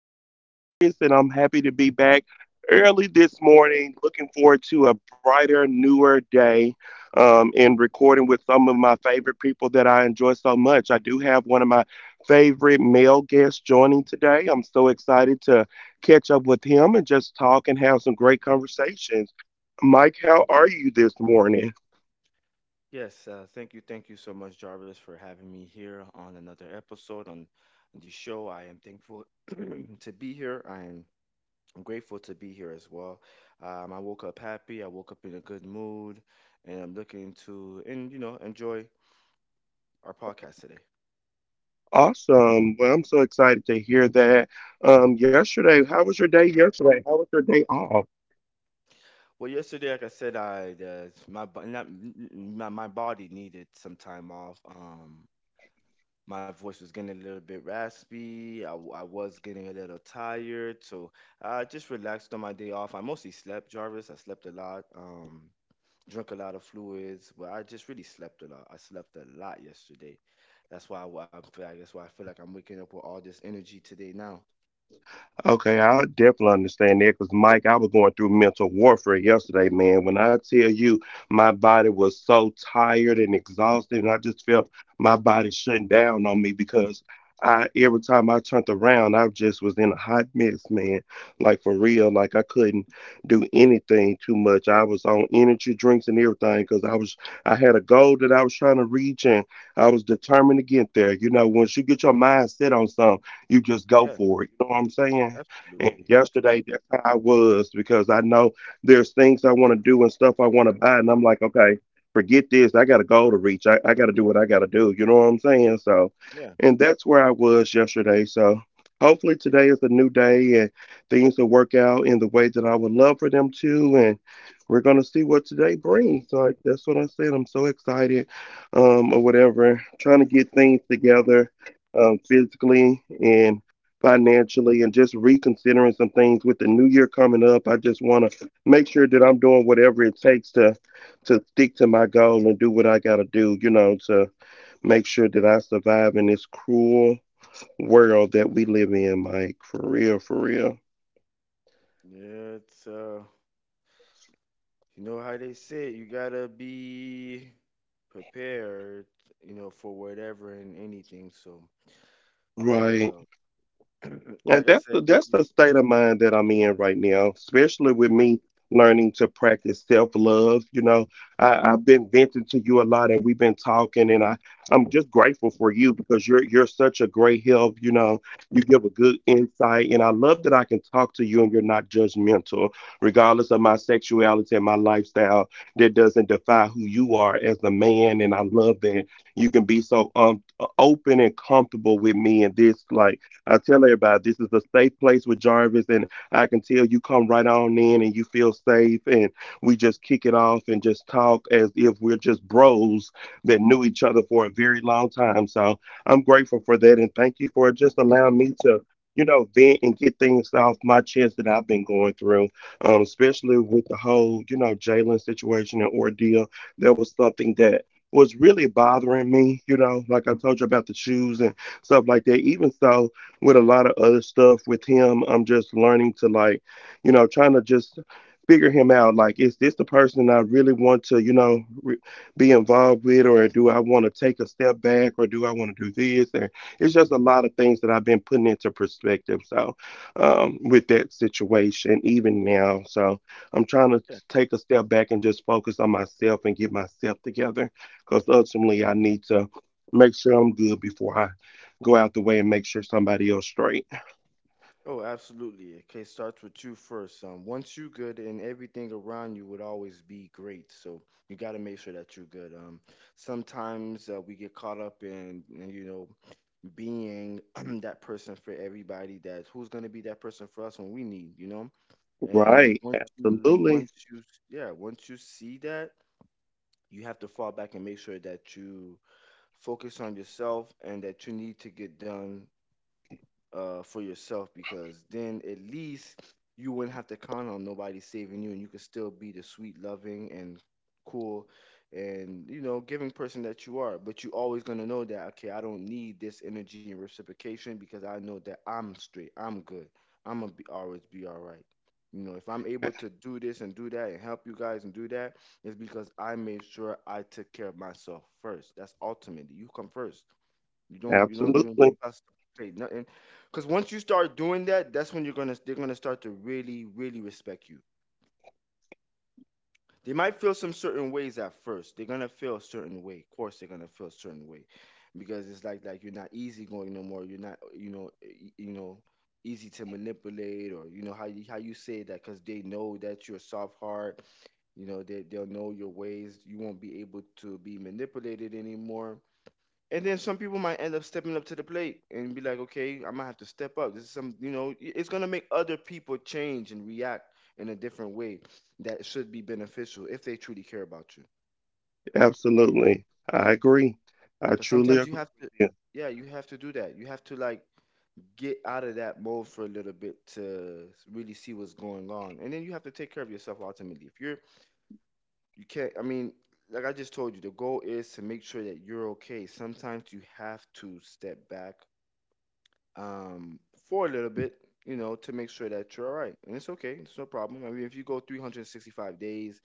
your host, Jarvis, and I'm happy to be back early this morning. Looking forward to a brighter, newer day, and recording with some of my favorite people that I enjoy so much. I do have one of my favorite male guests joining today. I'm so excited to catch up with him and just talk and have some great conversations. Mike, how are you this morning? Yes, Thank you. Thank you so much, Jarvis, for having me here on another episode on the show. I am thankful to be here. I'm grateful to be here as well. I woke up happy. I woke up in a good mood, and I'm looking to and enjoy our podcast today. Awesome. Well, I'm so excited to hear that. Yesterday, how was your day yesterday? How was your day off? Well, yesterday, like I said, I not, n- n- my body needed some time off. My voice was getting a little bit raspy. I was getting a little tired, so I just relaxed on my day off. I mostly slept, Jarvis. I slept a lot, drank a lot of fluids, but I just really slept a lot. I slept a lot yesterday. That's why I, wa- I feel. Like That's why I feel like I'm waking up with all this energy today. Now, Okay, I definitely understand that because Mike, I was going through mental warfare yesterday, man. When I tell you my body was so tired and exhausted, and I just felt my body shutting down on me because I every time I turned around, I just was in a hot mess, man. Like for real, like I couldn't do anything too much. I was on energy drinks and everything because I was I had a goal that I was trying to reach and I was determined to get there. You know, once you get your mind set on something, you just yeah, go for it. You know what I'm saying? And absolutely, absolutely, yesterday, that's how I was because I know there's things I want to do and stuff I want to buy. And I'm like, okay, forget this. I got a goal to reach. I got to do what I got to do. You know what I'm saying? So, yeah, and that's where I was yesterday. So, hopefully, today is a new day and things will work out in the way that I would love for them to. And we're going to see what today brings. So, that's what I said. I'm so excited, or whatever, trying to get things together, physically, financially, and just reconsidering some things with the new year coming up. I just want to make sure that I'm doing whatever it takes to stick to my goal and do what I got to do, you know, to make sure that I survive in this cruel world that we live in, Mike. For real, for real. yeah. It's you know how they say it, you gotta be prepared, you know, for whatever and anything. So. Right. Um, And like I said, that's you the state of mind that I'm in right now, especially with me learning to practice self-love. You know, I, I've been venting to you a lot and we've been talking and I'm just grateful for you because you're such a great help. You know, you give a good insight and I love that I can talk to you and you're not judgmental, regardless of my sexuality and my lifestyle. That doesn't defy who you are as a man. And I love that you can be so, open and comfortable with me in this, like, I tell everybody this is a safe place with Jarvis, and I can tell you come right on in and you feel safe, and we just kick it off and just talk as if we're just bros that knew each other for a very long time. So I'm grateful for that, and thank you for just allowing me to. You know, vent and get things off my chest that I've been going through, especially with the whole, you know, Jalen situation and ordeal. There was something that was really bothering me, you know, like I told you about the shoes and stuff like that. Even so, with a lot of other stuff with him. I'm just learning to, like, you know, trying to just figure him out. Like, is this the person I really want to, you know, be involved with, or do I want to take a step back, or do I want to do this? And it's just a lot of things that I've been putting into perspective. So, with that situation, even now, so I'm trying to yeah. take a step back and just focus on myself and get myself together, because ultimately I need to make sure I'm good before I go out the way and make sure somebody else straight. Oh, absolutely. Okay, starts with you first. Once you good, and everything around you would always be great. So you got to make sure that you're good. Sometimes we get caught up in, you know, being that person for everybody. That who's gonna be that person for us when we need, you know. And Right. Absolutely. Yeah, once you see that. You have to fall back and make sure that you focus on yourself and that you need to get done for yourself, because then at least you wouldn't have to count on nobody saving you, and you could still be the sweet, loving, and cool and you know giving person that you are. But you always going to know that okay, I don't need this energy and reciprocation, because I know that I'm straight, I'm good, always be all right. You know, if I'm able to do this and do that and help you guys and do that, it's because I made sure I took care of myself first. That's ultimately, you come first. You don't even you Absolutely. pass trade nothing. Cause once you start doing that, that's when you're gonna they're gonna start to really, really respect you. They might feel some certain ways at first. They're gonna feel a certain way. Of course they're gonna feel a certain way. Because it's like you're not easygoing no more. You're not, you know, you know, easy to manipulate, or you know how you say that, because they know that you're a soft heart. You know, they'll know your ways. You won't be able to be manipulated anymore, and then some people might end up stepping up to the plate and be like, okay, I might have to step up. This is some, you know, it's going to make other people change and react in a different way that should be beneficial if they truly care about you. Absolutely. I agree. I Because truly sometimes you have agree to, with you. yeah, you have to do that. You have to like get out of that mode for a little bit to really see what's going on. And then you have to take care of yourself ultimately. If you're, you can't, I mean, like I just told you, the goal is to make sure that you're okay. Sometimes you have to step back um, for a little bit, you know, to make sure that you're all right. And it's okay, it's no problem. I mean, if you go 365 days,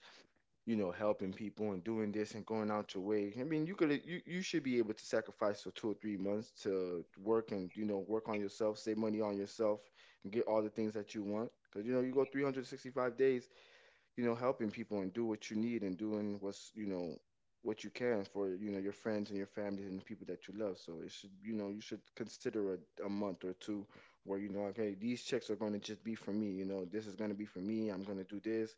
you know, helping people and doing this and going out your way, I mean, you should be able to sacrifice for 2 or 3 months to work and, you know, work on yourself, save money on yourself, and get all the things that you want. Because, you know, you go 365 days, you know, helping people and do what you need and doing what's, you know, what you can for, you know, your friends and your family and people that you love. So it should, you know, you should consider a month or two where, you know, okay, these checks are going to just be for me. You know, this is going to be for me. I'm going to do this.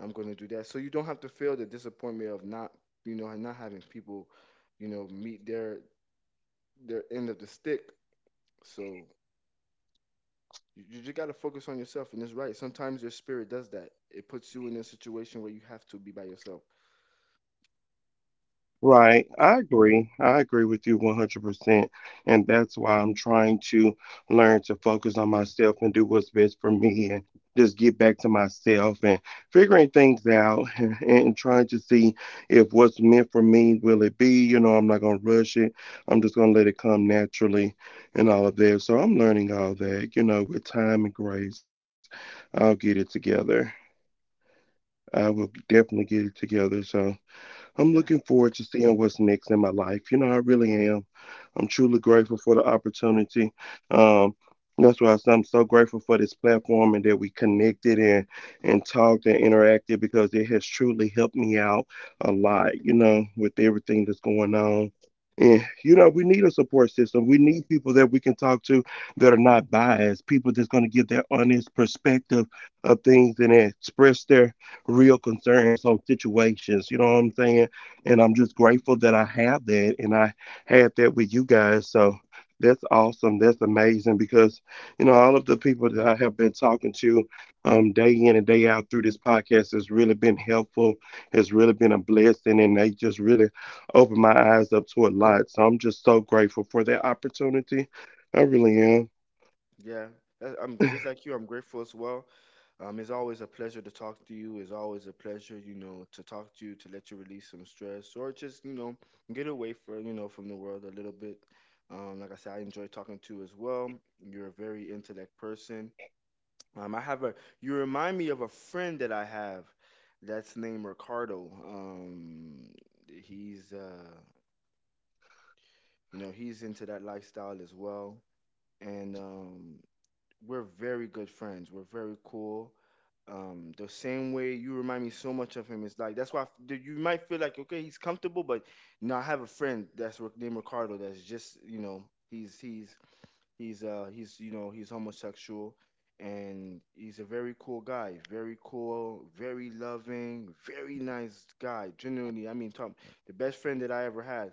I'm going to do that. So you don't have to feel the disappointment of not, you know, and not having people, you know, meet their end of the stick. So you just got to focus on yourself. And it's right. Sometimes your spirit does that. It puts you in a situation where you have to be by yourself. Right. I agree. I agree with you 100%. And that's why I'm trying to learn to focus on myself and do what's best for me and just get back to myself and figuring things out and trying to see if what's meant for me will it be. You know, I'm not going to rush it. I'm just going to let it come naturally and all of that. So I'm learning all that, you know, with time and grace. I'll get it together. I will definitely get it together. So. I'm looking Yeah, forward to seeing what's next in my life. You know, I really am. I'm truly grateful for the opportunity. Um, that's why I say I'm so grateful for this platform and that we connected and talked and interacted because it has truly helped me out a lot. You know, with everything that's going on. And you know, we need a support system. We need people that we can talk to that are not biased, people that's going to give their honest perspective of things and express their real concerns on situations. You know what I'm saying? And I'm just grateful that I have that and I had that with you guys. So that's awesome. That's amazing because, you know, all of the people that I have been talking to, day in and day out through this podcast has really been helpful. It's really been a blessing and they just really opened my eyes up to a lot. So I'm just so grateful for that opportunity. I really am. yeah. I'm just like you. I'm grateful as well. It's always a pleasure to talk to you. It's always a pleasure, you know, to talk to you, to let you release some stress or just, you know, get away from, you know, from the world a little bit. Like I said, I enjoy talking to you as well. You're a very intellect person. Um, I have a, you remind me of a friend that I have that's named Ricardo. He's, you know, he's into that lifestyle as well. And we're very good friends. We're very cool. The same way you remind me so much of him. It's like that's why you might feel like okay, he's comfortable, but you know I have a friend that's named Ricardo. That's just, you know, he's he's he's you know, he's homosexual, and he's a very cool guy. Very cool, very loving, very nice guy. Genuinely, I mean, Tom, the best friend that I ever had.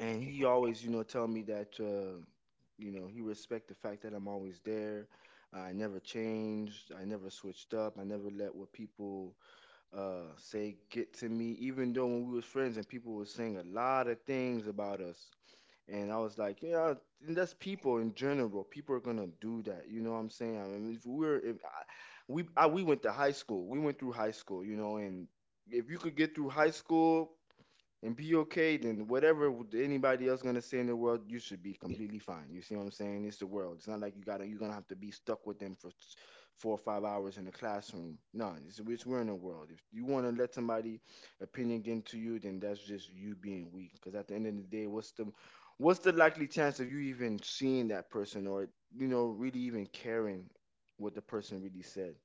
And he always, you know, tell me that you know, he respect the fact that I'm always there. I never changed, I never switched up, I never let what people say get to me, even though when we was friends and people were saying a lot of things about us. And I was like, yeah. And that's people in general. People are gonna do that, you know what I'm saying? I mean, if we're if I, we I, we went to high school, we went through high school, you know. And if you could get through high school and be okay, then whatever anybody else gonna say in the world, you should be completely fine. You see what I'm saying? It's the world. It's not like you're gonna have to be stuck with them for 4 or 5 hours in the classroom. No, it's we're in the world. If you wanna let somebody opinion get into you, then that's just you being weak. Because at the end of the day, what's the likely chance of you even seeing that person or you know really even caring what the person really said?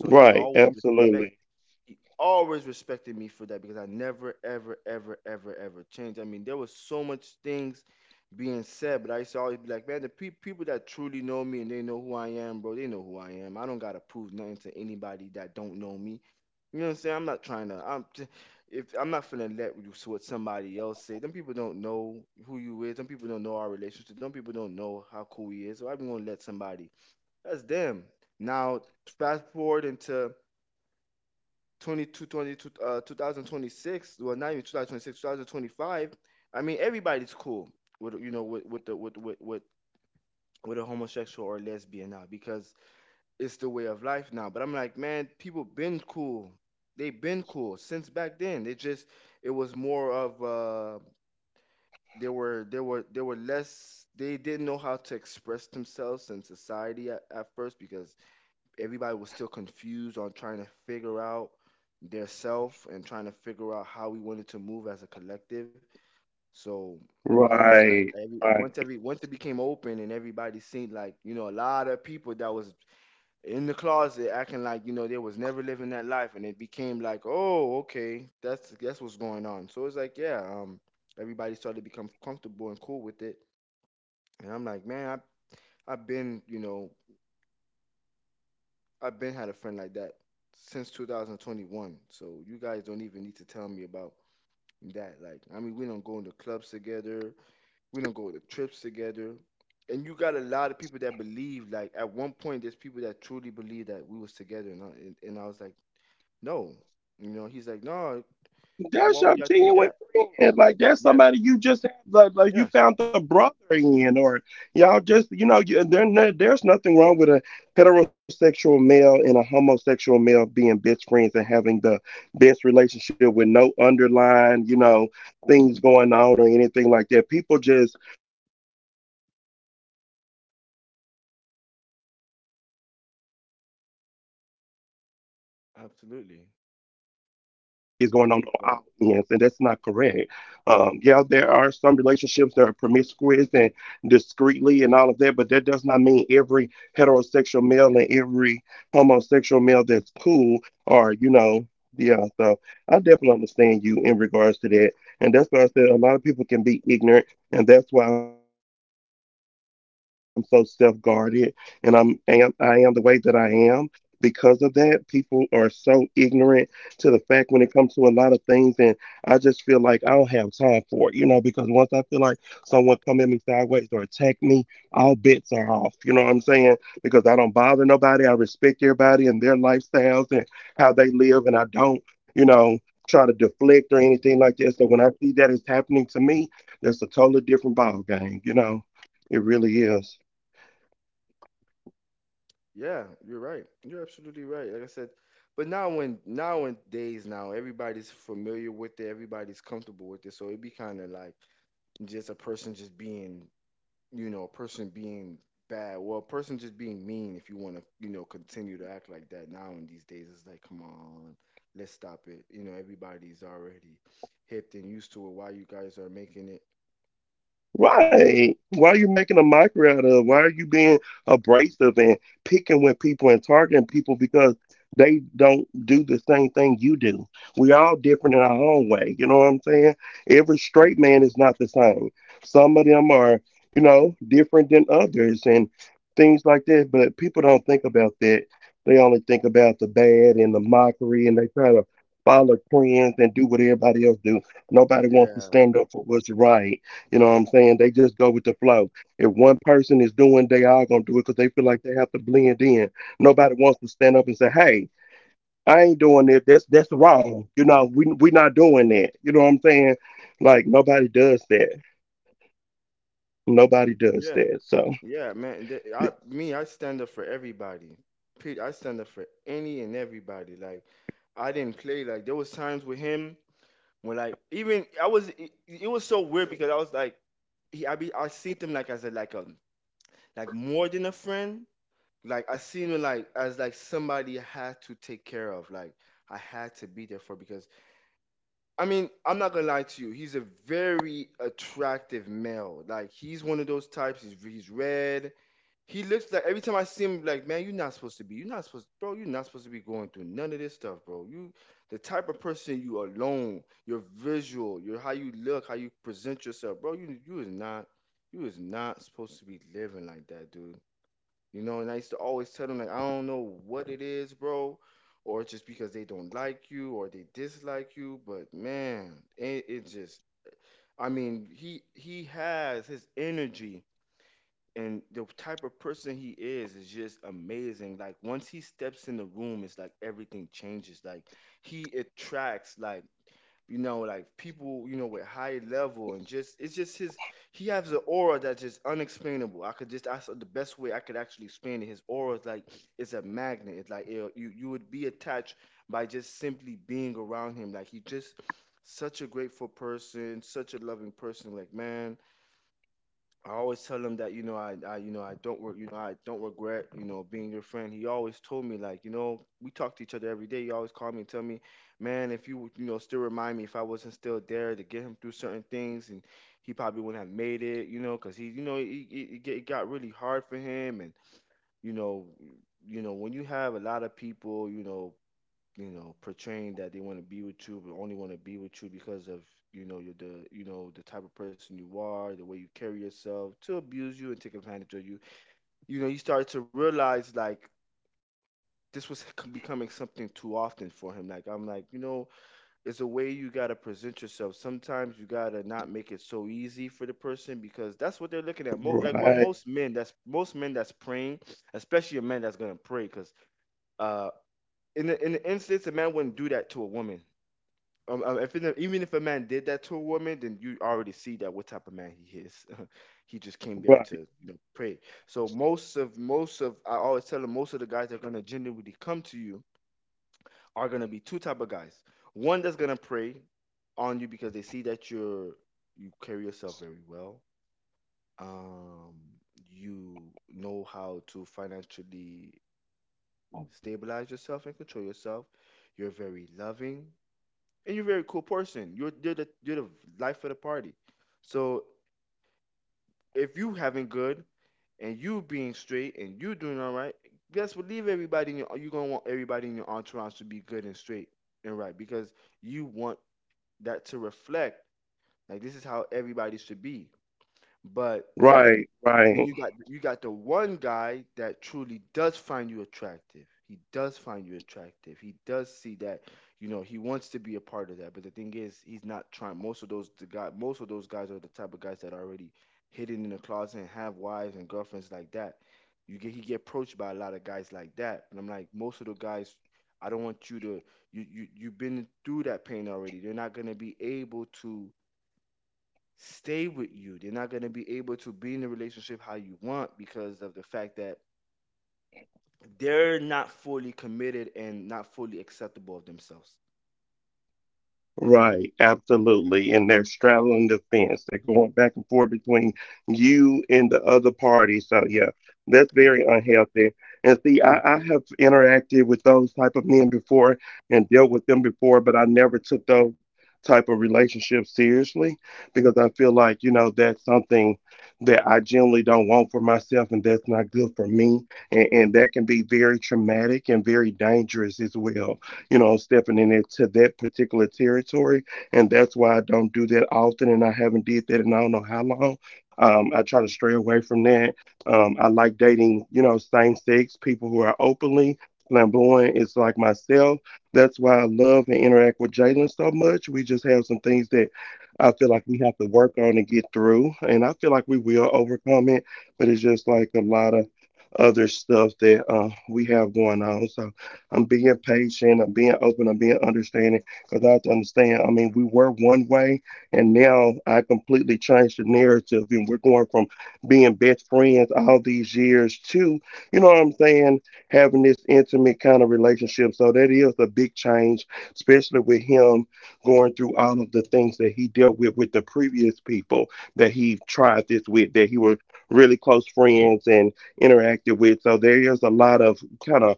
So Right. Absolutely. he always respected me for that, because I never, ever, ever, ever, ever changed. I mean, there was so much things being said, but I used to always be like, man, people that truly know me and they know who I am, bro, they know who I am. I don't gotta prove nothing to anybody that don't know me. You know what I'm saying? I'm not trying to. If I'm not finna let you see what somebody else say. Them people don't know who you is. Them people don't know our relationship. Them people don't know how cool he is. So I'm gonna let somebody. That's them. Now fast forward into 22 22 2026, well, not even 2026, 2025, I mean, everybody's cool with, you know, with the, with a homosexual or lesbian now, because it's the way of life now. But I'm like, man, people been cool. They been cool since back then. They just, it was more of, they were less, they didn't know how to express themselves in society at first, because everybody was still confused on trying to figure out their self and trying to figure out how we wanted to move as a collective. So once I Right. Right. Every once it became open, and everybody seen like, you know, a lot of people that was in the closet acting like, you know, they was never living that life, and it became like, oh okay, that's what's going on. So it's like yeah, everybody started to become comfortable and cool with it. And I'm like, man, I've been, you know, I've been had a friend like that since 2021. So you guys don't even need to tell me about that. Like, I mean, we don't go into clubs together. We don't go to trips together. And you got a lot of people that believe. Like, at one point, there's people that truly believe that we was together. And I was like, no. You know, he's like, no. That's How Why your would y'all think genuine that? friend. Like that's Yeah, somebody you just have, like you yeah, found the brother in, or y'all just, you know, there there's nothing wrong with a heterosexual male and a homosexual male being best friends and having the best relationship with no underlying, you know, things going on or anything like that. People just are so stuck and so ignorant in their ways, and they feel like that it just because this is going on, on one end of the stick is going absolutely. On all ends, and that's not correct. People. Yeah, there are some relationships that are promiscuous and discreetly and all of that, but that does not mean every heterosexual male and every homosexual male that's cool or, you know, yeah, so I definitely understand you in regards to that. And that's why I said a lot of people can be ignorant, and that's why I'm so self guarded and I am the way that I am because of that, people are so ignorant to the fact when it comes to a lot of things, and I just feel like I don't have time for it, you know. Because once I feel like someone come at me sideways or attack me, all bets are off. You know what I'm saying? Because I don't bother nobody. I respect everybody and their lifestyles and how they live, and I don't, you know, try to deflect or anything like that. So when I see that it's happening to me, that's a totally different ball game. You know, it really is. Yeah, you're right. You're absolutely right. Like I said, but nowadays now everybody's familiar with it, everybody's comfortable with it, so it'd be kind of like just a person just being, you know, a person being a person just being mean. If you want to, you know, continue to act like that now in these days, it's like, come on, let's stop it. You know, everybody's already hipped and used to it. Why you guys are making it? Right. Why are you making a mockery out of? Why are you being abrasive and picking with people and targeting people because they don't do the same thing you do? We all different in our own way. You know what I'm saying? Every straight man is not the same. Some of them are, you know, different than others and things like that. But people don't think about that. They only think about the bad and the mockery and they try to follow trends and do what everybody else do. Nobody wants to Yeah, stand up for what's right, you know what I'm saying? They just go with the flow. If one person is doing, they all gonna do it because they feel like they have to blend in. Nobody wants to stand up and say, "Hey, I ain't doing it. That's wrong." You know, we not doing that. You know what I'm saying? Like nobody does that. Nobody does yeah. that. So Yeah, man. I stand up for everybody. Pete, I stand up for any and everybody. Like I didn't play. Like there was times with him when like even I was. It was so weird because I was like he. I seen him like as a like more than a friend. Like I seen him like as like somebody I had to take care of. Like I had to be there for because I mean I'm not gonna lie to you. He's a very attractive male. Like he's one of those types. He's red, he looks like every time I see him, like, man, you're not supposed to be. You're not supposed, bro. You're not supposed to be going through none of this stuff, bro. You, the type of person you are alone. Your visual, your how you look, how you present yourself, bro. You is not supposed to be living like that, dude. You know. And I used to always tell them, like, I don't know what it is, bro, or it's just because they don't like you or they dislike you. But man, it just, I mean, he has his energy, and the type of person he is just amazing. Like once he steps in the room it's like everything changes. Like he attracts like you know like people you know with high level, and just it's just his, he has an aura that's just unexplainable. I could just, that's the best way I could actually explain it. His aura is like, it's a magnet. It's like it, you would be attached by just simply being around him. Like he just such a grateful person, such a loving person. Like man, I always tell him that, you know, I, you know, I don't re- you know I don't regret, you know, being your friend. He always told me like, you know, we talk to each other every day. He always called me and tell me, man, if you would, you know, still remind me if I wasn't still there to get him through certain things, and he probably wouldn't have made it. You know because he you know he, it got really hard for him, and you know, you know when you have a lot of people, you know, you know portraying that they want to be with you but only want to be with you because of, you know, you're the, you know, the type of person you are, the way you carry yourself, to abuse you and take advantage of you. You know you start to realize like this was becoming something too often for him. Like I'm like, you know, it's a way you got to present yourself. Sometimes you got to not make it so easy for the person because that's what they're looking at. Mo- like what right, Most men that's, most men that's praying, especially a man that's going to pray because uh in the, in the instance a man wouldn't do that to a woman. If it, even if a man did that to a woman, then you already see that what type of man he is. He just came there right, to, you know, pray. So most of, I always tell them, most of the guys that are gonna genuinely come to you are gonna be two type of guys. One that's gonna pray on you because they see that you're, you carry yourself very well. Um, you know how to financially stabilize yourself and control yourself. You're very loving and you're a very cool person. You're the life of the party. So if you having good and you being straight and you doing all right, guess what? Leave everybody in your, you're gonna want everybody in your entourage to be good and straight and right because you want that to reflect like this is how everybody should be. But. Then right. You got the one guy that truly does find you attractive. He does find you attractive. He does see that, you know, he wants to be a part of that. But the thing is, he's not trying. Most of those guys are the type of guys that are already hidden in the closet and have wives and girlfriends like that. You get He get approached by a lot of guys like that, and I'm like, most of the guys, I don't want you to, you've been through that pain already. They're not gonna be able to stay with you. They're not going to be able to be in the relationship how you want because of the fact that they're not fully committed and not fully acceptable of themselves. Right, absolutely. And they're straddling the fence. They're going back and forth between you and the other party. So yeah, that's very unhealthy. And see, I have interacted with those type of men before and dealt with them before, but I never took those type of relationships seriously because I feel like, you know, that's something that I generally don't want for myself and that's not good for me. And that can be very traumatic and very dangerous as well, you know, stepping in into that particular territory. And that's why I don't do that often. And I haven't did that in I don't know how long. I try to stray away from that. I like dating, you know, same sex people who are openly flamboyant. It's like myself. That's why I love and interact with Jalen so much. We just have some things that I feel like we have to work on and get through. And I feel like we will overcome it, but it's just like a lot of other stuff that we have going on. So I'm being patient. I'm being open. I'm being understanding because I have to understand. I mean, we were one way, and now I completely changed the narrative, and we're going from being best friends all these years to, you know what I'm saying, having this intimate kind of relationship. So that is a big change, especially with him going through all of the things that he dealt with the previous people that he tried this with, that he was really close friends and interacted with. So there is a lot of kind of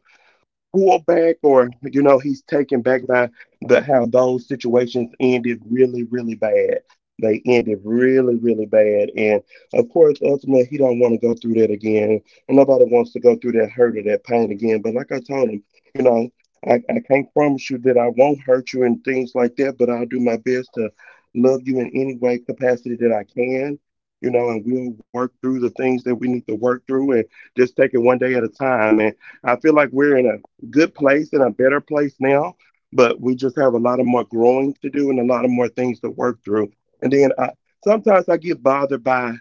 pulled back or you know he's taken back by the how those situations ended really really bad, they ended really really bad, and of course ultimately he don't want to go through that again, and nobody wants to go through that hurt or that pain again, but like I told him, you know, I can't promise you that I won't hurt you and things like that, but I'll do my best to love you in any way capacity that I can, you know, and we'll work through the things that we need to work through and just take it one day at a time. And I feel like we're in a good place and a better place now, but we just have a lot of more growing to do and a lot of more things to work through. And sometimes I get bothered by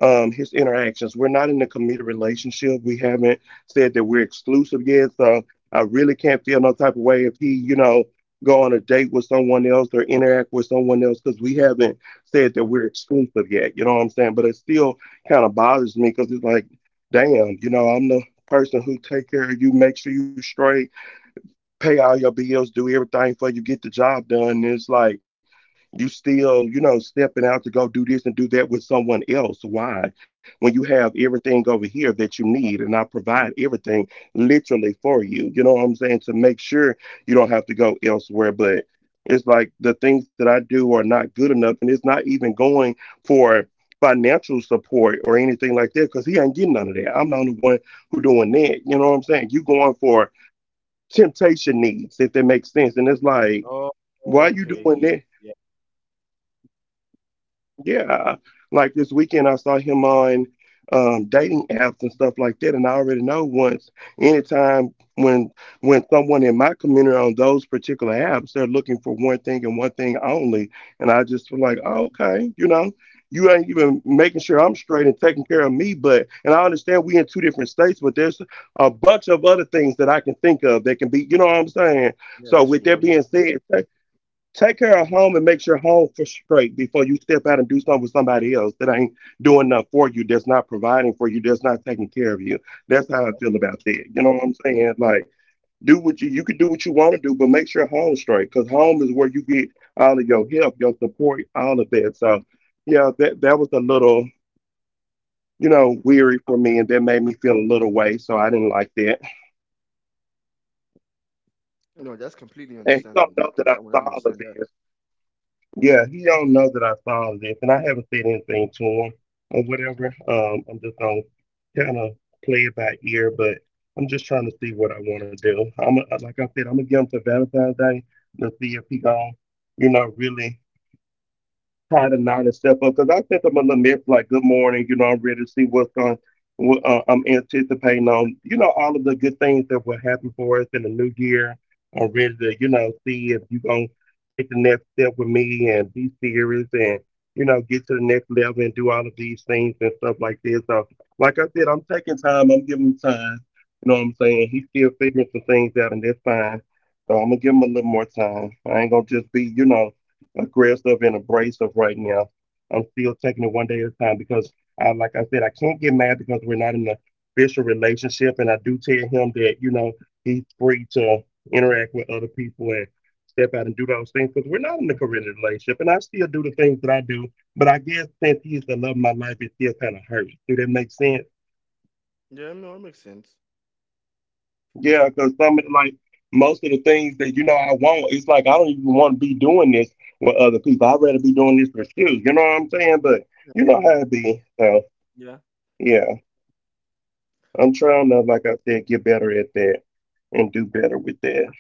his interactions. We're not in a committed relationship. We haven't said that we're exclusive yet, so I really can't feel no type of way if he, you know, go on a date with someone else or interact with someone else because we haven't said that we're exclusive yet. You know what I'm saying? But it still kind of bothers me because it's like, damn, you know, I'm the person who take care of you, make sure you straight, pay all your bills, do everything for you, get the job done. And it's like you still, you know, stepping out to go do this and do that with someone else. Why? When you have everything over here that you need, and I provide everything literally for you. You know what I'm saying? To make sure you don't have to go elsewhere. But it's like the things that I do are not good enough, and it's not even going for financial support or anything like that because he ain't getting none of that. I'm the only one who doing that. You know what I'm saying? You going for temptation needs, if that makes sense. And it's like, Oh, why are you okay. doing He, that? yeah, Yeah, like this weekend I saw him on dating apps and stuff like that, and I already know once anytime when someone in my community on those particular apps, they're looking for one thing and one thing only, and I just feel like, oh, okay, you know, you ain't yeah, even making sure I'm straight and taking care of me. But and I understand we in two different states, but there's a bunch of other things that I can think of that can be, you know what I'm saying? yeah. So That's with true. Oh, that yeah, being said, take care of home and make sure home for straight before you step out and do something with somebody else that ain't doing nothing for you, that's not providing for you, that's not taking care of you. That's how I feel absolutely. about that. You know what I'm saying? Like, do what you can, do what you want to do, but make sure home straight because home is where you get all of your help, your support, all of that. So, yeah, that that was a little, you know, weary for me, and that made me feel a little way. So I didn't like that. No, that's completely And he understandable. don't That know that I that one, I saw all of understand that. this. Yeah, he don't know that I saw this, and I haven't said anything to him or whatever. I'm just gonna kind of play it by ear, but I'm just trying to see what I want to do. Like I said, I'm gonna give him to Valentine's Day to see if he gonna, you know, really hide and not and step up. Because I sent them a little message like, "Good morning, you know, I'm ready to see what's going. What, I'm anticipating on, you know, all of the good things that will happen for us in the new year. I'm ready to, you know, see if you're gonna take the next step with me and be serious and, you know, get to the next level and do all of these things and stuff like this. So, like I said, I'm taking time. I'm giving him time. You know what I'm saying? He's still figuring some things out, and that's fine. So I'm gonna give him a little more time. I ain't gonna just be, you know, aggressive and abrasive right now. I'm still taking it one day at a time because, like I said, I can't get mad because we're not in a official relationship. And I do tell him that, you know, he's free to interact with other people and step out and do those things because we're not in a committed relationship. And I still do the things that I do. But I guess since he's the love of my life, it still kind of hurts. Do that make sense? Yeah, no, it makes sense. Yeah, because like most of the things that you know I want, it's like I don't even want to be doing this with other people. I'd rather be doing this with you. You know what I'm saying? But Yeah, you know no, how it be. So yeah, yeah, I'm trying to, like I said, get better at that and do better with that.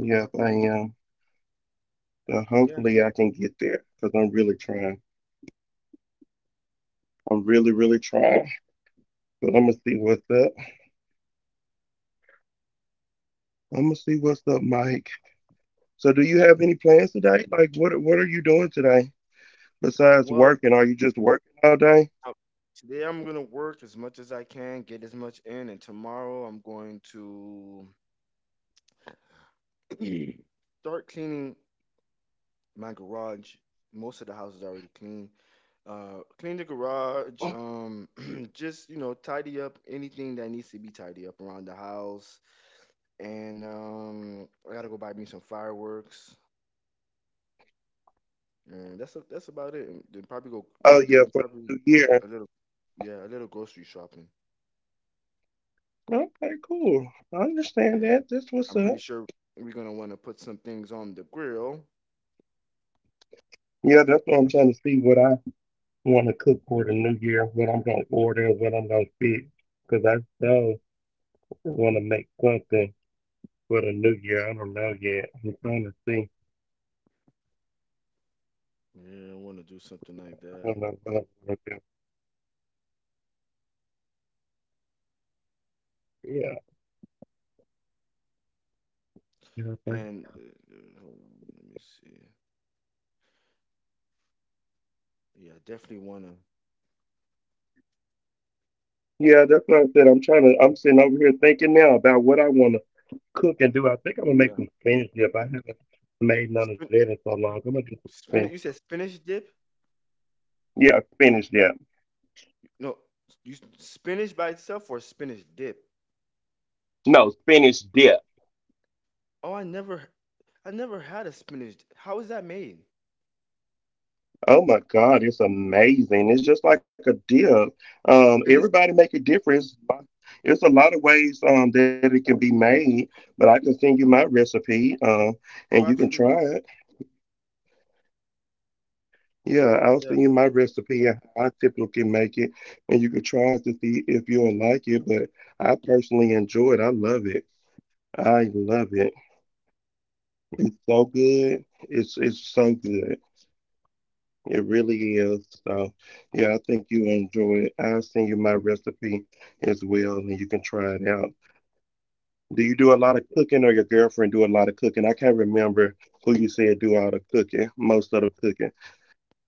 Yep, I am. So yeah. hopefully I can get there because I'm really trying. I'm really, really trying. But I'm gonna see what's up. I'm gonna see what's up, Mike. So do you have any plans today? Like what are you doing today besides Well, working? Are you just working all day? I- today I'm gonna work as much as I can, get as much in, and tomorrow I'm going to start cleaning my garage. Most of the house is already clean. Clean the garage. Just you know, tidy up anything that needs to be tidy up around the house. And I gotta go buy me some fireworks. And that's a, that's about it. And then probably go Oh do yeah, and for probably the new year. a little, yeah, a little grocery shopping. Okay, cool. I understand Then that. That's what's I'm up. pretty sure we're gonna want to put some things on the grill. Yeah, that's what I'm trying to see what I want to cook for the new year, what I'm gonna order, and what I'm gonna fit. Cause I still want to make something for the new year. I don't know yet. I'm trying to see. Yeah, I want to do something like I that. don't know what I'm gonna do. Yeah, yeah, I think- And hold on, let me see. Yeah, I definitely wanna. yeah. That's what I said. I'm trying to. I'm sitting over here thinking now about what I want to cook and do. I think I'm gonna make Yeah, some spinach dip. I haven't made none of Spin, that in so long. I'm gonna do some spinach. spinach. You said spinach dip? Yeah, spinach dip. No, spinach by itself or spinach dip? No, spinach dip. Oh, I never, I never had a spinach. How is that made? Oh my God, it's amazing. It's just like a dip. Is this? Everybody make a difference. There's a lot of ways that it can be made, but I can send you my recipe and Oh, you can try absolutely. it. Yeah, I'll Yeah. send you my recipe and how I typically make it, and you can try it to see if you'll like it. But I personally enjoy it. I love it. I love it. It's so good. It's so good. It really is. So, yeah, I think you enjoy it. I'll send you my recipe as well, and you can try it out. Do you do a lot of cooking, or your girlfriend do a lot of cooking? I can't remember who you said do all the cooking, most of the cooking.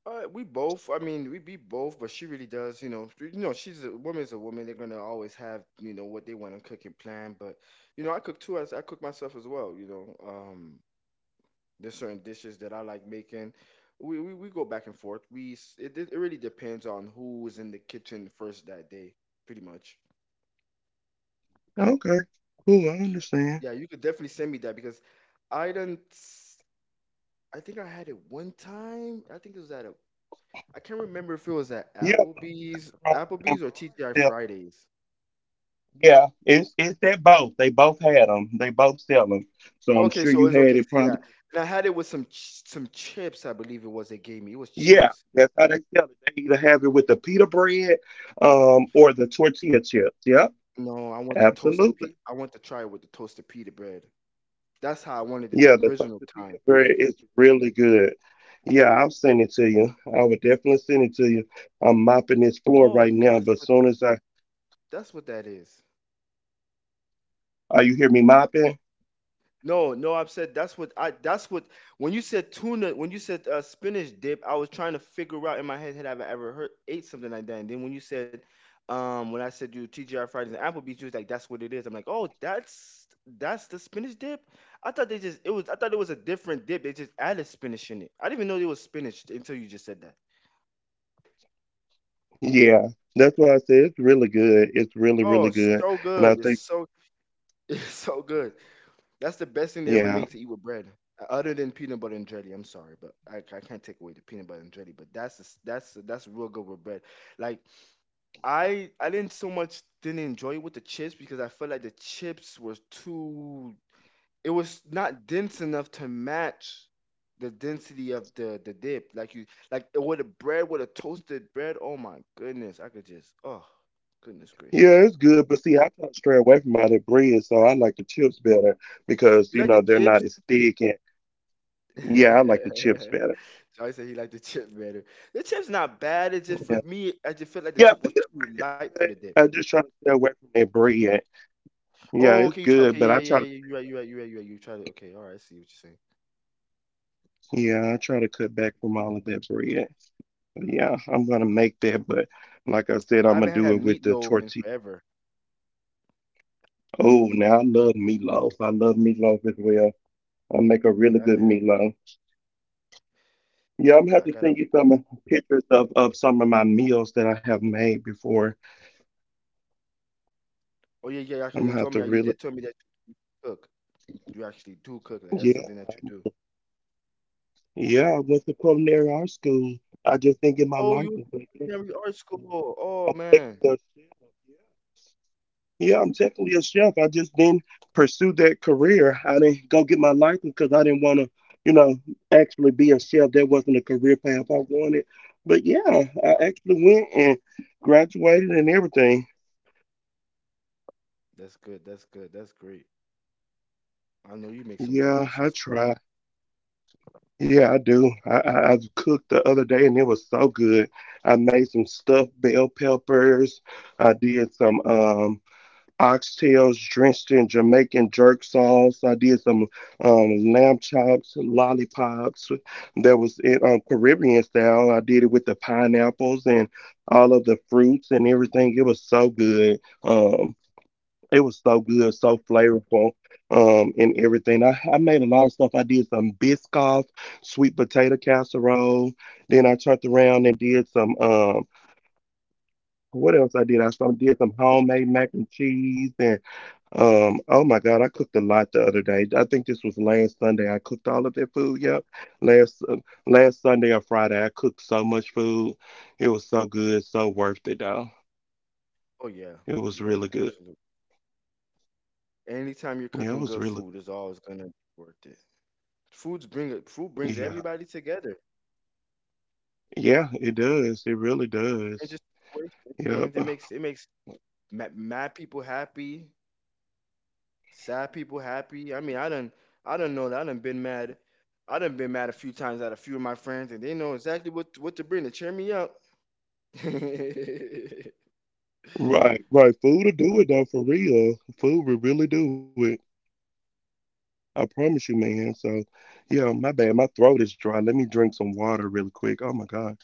We both. I mean, we be both, but she really does. You know, she's a woman's a woman. They're gonna always have you know what they want to cook and plan. But you know, I cook too. As I cook myself as well. You know, there's certain dishes that I like making. We go back and forth. It it really depends on who is in the kitchen first that day, pretty much. Okay, cool. I understand. Yeah, you could definitely send me that because I didn't. I think I had it one time. I think it was at a. I can't remember if it was at Yeah, most restaurants Applebee's and or bars TGI sell them. Fridays. Yeah, it's that both. They both had them. They both sell them. So I'm Okay, sure so you it's had okay. So it yeah, probably. and I had it with some some chips. I believe it was they gave me. It was Yeah, chips. that's how they sell it. They either have it with the pita bread, or the tortilla chips. Yep. No, I want the toasted Absolutely. pe. I want to try it with the toasted pita bread. That's how I wanted it the Yeah, the original tortilla time. bread is really good. Yeah, I'll send it to you. I would definitely send it to you. I'm mopping this floor Oh, right now, that's but what, that's what that is. are you hear me mopping? No, no, I have said that's what I, that's what when you said tuna, when you said spinach dip, I was trying to figure out in my head had I ever heard ate something like that. And then when you said when I said you TGI Fridays and Applebee's, you was like that's what it is. I'm like, "Oh, that's the spinach dip?" I thought they just, it was, I thought it was a different dip. They just added spinach in it. I didn't even know it was spinach until you just said that. Yeah, that's why I said it's really good. It's really, Oh, really good. so And good. I It's think, so it's so good. That's the best thing they ever yeah, made to eat with bread, other than peanut butter and jelly. I'm sorry, but I can't take away the peanut butter and jelly. But that's the s that's real good with bread. Like I didn't so much didn't enjoy it with the chips because I felt like the chips was too. It was not dense enough to match the density of the dip. Like you like with the bread, with a toasted bread. Oh my goodness, I could just, oh goodness gracious. yeah, it's good. But see, I try to stray away from all that bread, so I like the chips better because, You you like the know, they're chips? not as thick. And yeah, I like the chips better. Charlie said he liked the chip better. The chip's not bad. It's just Yeah, for me, I just feel like the yeah, chip was pita too bread light is for the good. dip. I just try to stay away from that bread. Yeah, Oh, it's okay, you try. good, Okay, but yeah, I yeah, yeah, try yeah, to, yeah, you right, you right, you right, you right. You tried it. Okay, all right. I see what you're saying. yeah, I try to cut back from all of that bread. Yeah, I'm gonna make that, but like I said, I I'm gonna haven't had do it with the meatloaf in tortilla. forever. Oh, now I love meatloaf. I love meatloaf as well. I make a Yeah, I really haven't good had. Meatloaf. Yeah, I'm gonna have I to gotta. send you some pictures of some of my meals that I have made before. Oh yeah, yeah. Actually, I'm you gonna have told to me. You really, did tell me that you cook. You actually do cook. Like that's yeah, something that you do. yeah. I went to culinary art school. I just didn't get my Oh, you license, but yeah, in every art school. Oh I'm man, technically a chef. Yeah. Yeah, I'm technically a chef. I just didn't pursue that career. I didn't go get my license because I didn't want to, you know, actually be a chef. That wasn't a career path I wanted. But yeah, I actually went and graduated and everything. that's good. That's good. That's great. I know you make some Yeah, good I dishes. try. Yeah, I do. I cooked the other day and it was so good. I made some stuffed bell peppers. I did some. Oxtails drenched in Jamaican jerk sauce. I did some lamb chops, lollipops. That was it, Caribbean style. I did it with the pineapples and all of the fruits and everything. It was so good. It was so good, so flavorful, and everything. I made a lot of stuff. I did some Biscoff sweet potato casserole. Then I turned around and did some. What else I did? Did some homemade mac and cheese and oh my God, I cooked a lot the other day. I think this was last Sunday. I cooked all of their food. Yep. Last last Sunday or Friday, I cooked so much food. It was so good, so worth it though. Oh yeah, It was yeah, really good. absolutely. Anytime you're Yeah, it cooking was good really food, it's always gonna be worth it. Foods bring it. Food brings yeah. everybody together. Yeah, it does. It really And does. just and Yep. it makes mad people happy, sad people happy. I mean, I done know that I done been mad. I done been mad a few times at a few of my friends, and they know exactly what to bring to cheer me up. yeah, Right, right. Food will do it though, for real. Food will really do it. I promise you, man. So, yeah, my bad. My throat is dry. Let me drink some water really quick. Oh my God.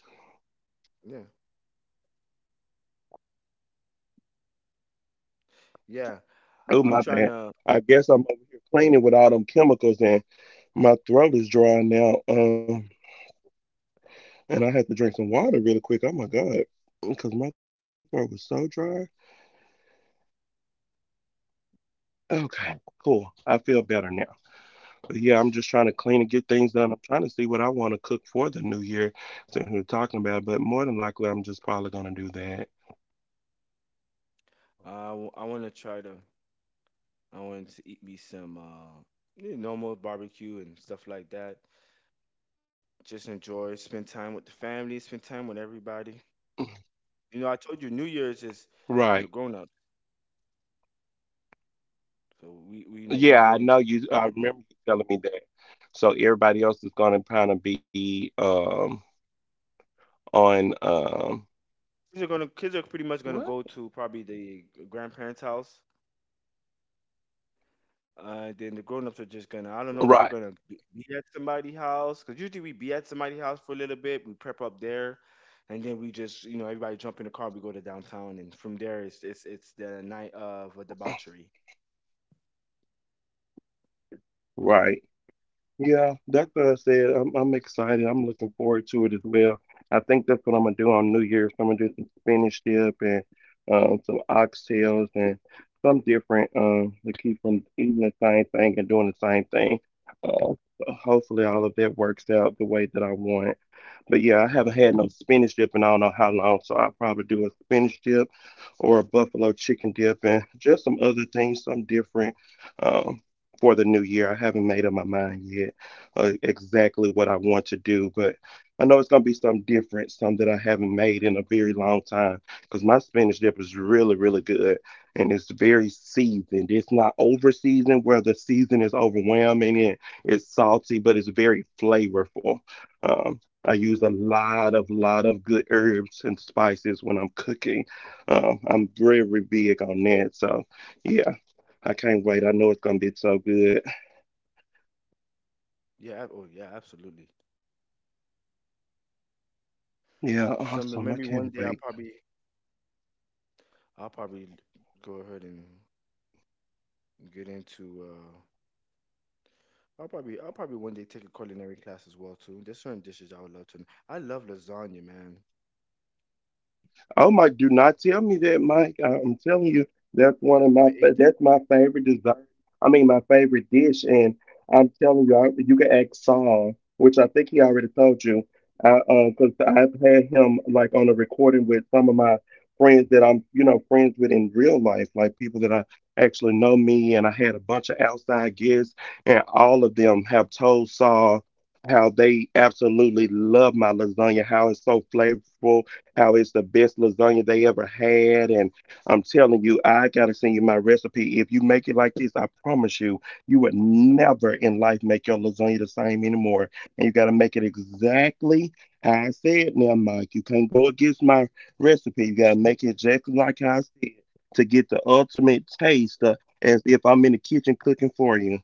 yeah. Oh, I'm my trying bad. to. I guess I'm over here cleaning with all them chemicals and my throat is dry now. And I had to drink some water really quick. Oh my God, because my throat was so dry. Okay, cool. I feel better now. But yeah, I'm just trying to clean and get things done. I'm trying to see what I want to cook for the new year since we're talking about it, but more than likely, I'm just probably gonna do that. I want to try to. I want to eat me some normal barbecue and stuff like that. Just enjoy, spend time with the family, spend time with everybody. You know, I told you New Year's is Right. for the grown ups. So we we Yeah, I get know into you. I remember you telling me that. So everybody else is gonna kind of be on. kids are pretty much What? gonna go to probably the grandparents' house. Then the grown ups are just gonna I don't know Right, if we're gonna be at somebody's house because usually we be at somebody's house for a little bit. We prep up there, and then we just everybody jump in the car. We go to downtown, and from there it's the night of a debauchery. right. Yeah, that's what I said. I'm excited. I'm looking forward to it as well. I think that's what I'm gonna do on New Year's. I'm gonna do some spinach dip and some oxtails and some different to keep from eating the same thing and doing the same thing. So hopefully all of that works out the way that I want. But yeah, I haven't had no spinach dip in I don't know how long, so I'll probably do a spinach dip or a buffalo chicken dip and just some other things, some different um, for the new year. I haven't made up my mind yet exactly what I want to do, but I know it's gonna be something different, something that I haven't made in a very long time. Because my spinach dip is really, really good and it's very seasoned. It's not over seasoned where the season is overwhelming and it's salty, but it's very flavorful. Um, I use a lot of good herbs and spices when I'm cooking. I'm very big on that, so yeah, I can't wait. I know it's gonna be so good. Yeah. Oh yeah. Absolutely. Yeah, Some awesome. I maybe one can't day I'll wait. probably I'll probably go ahead and get into. I'll probably one day take a culinary class as well too. There's certain dishes I would love to. I love lasagna, man. Oh my! Do not tell me that, Mike. I'm telling you, that's one of my I fa- ate. that's my favorite dessert. I mean, my favorite dish, and I'm telling you, I, you can ask Saul, which I think he already told you, because I've had him like on a recording with some of my friends that I'm, you know, friends with in real life, like people that I actually know me, and I had a bunch of outside guests, and all of them have told Saul how they absolutely love my lasagna, how it's so flavorful, how it's the best lasagna they ever had. And I'm telling you, I got to send you my recipe. If you make it like this, I promise you, you would never in life make your lasagna the same anymore. And you got to make it exactly how I said now, Mike. You can't go against my recipe. You got to make it exactly like I said to get the ultimate taste as if I'm in the kitchen cooking for you.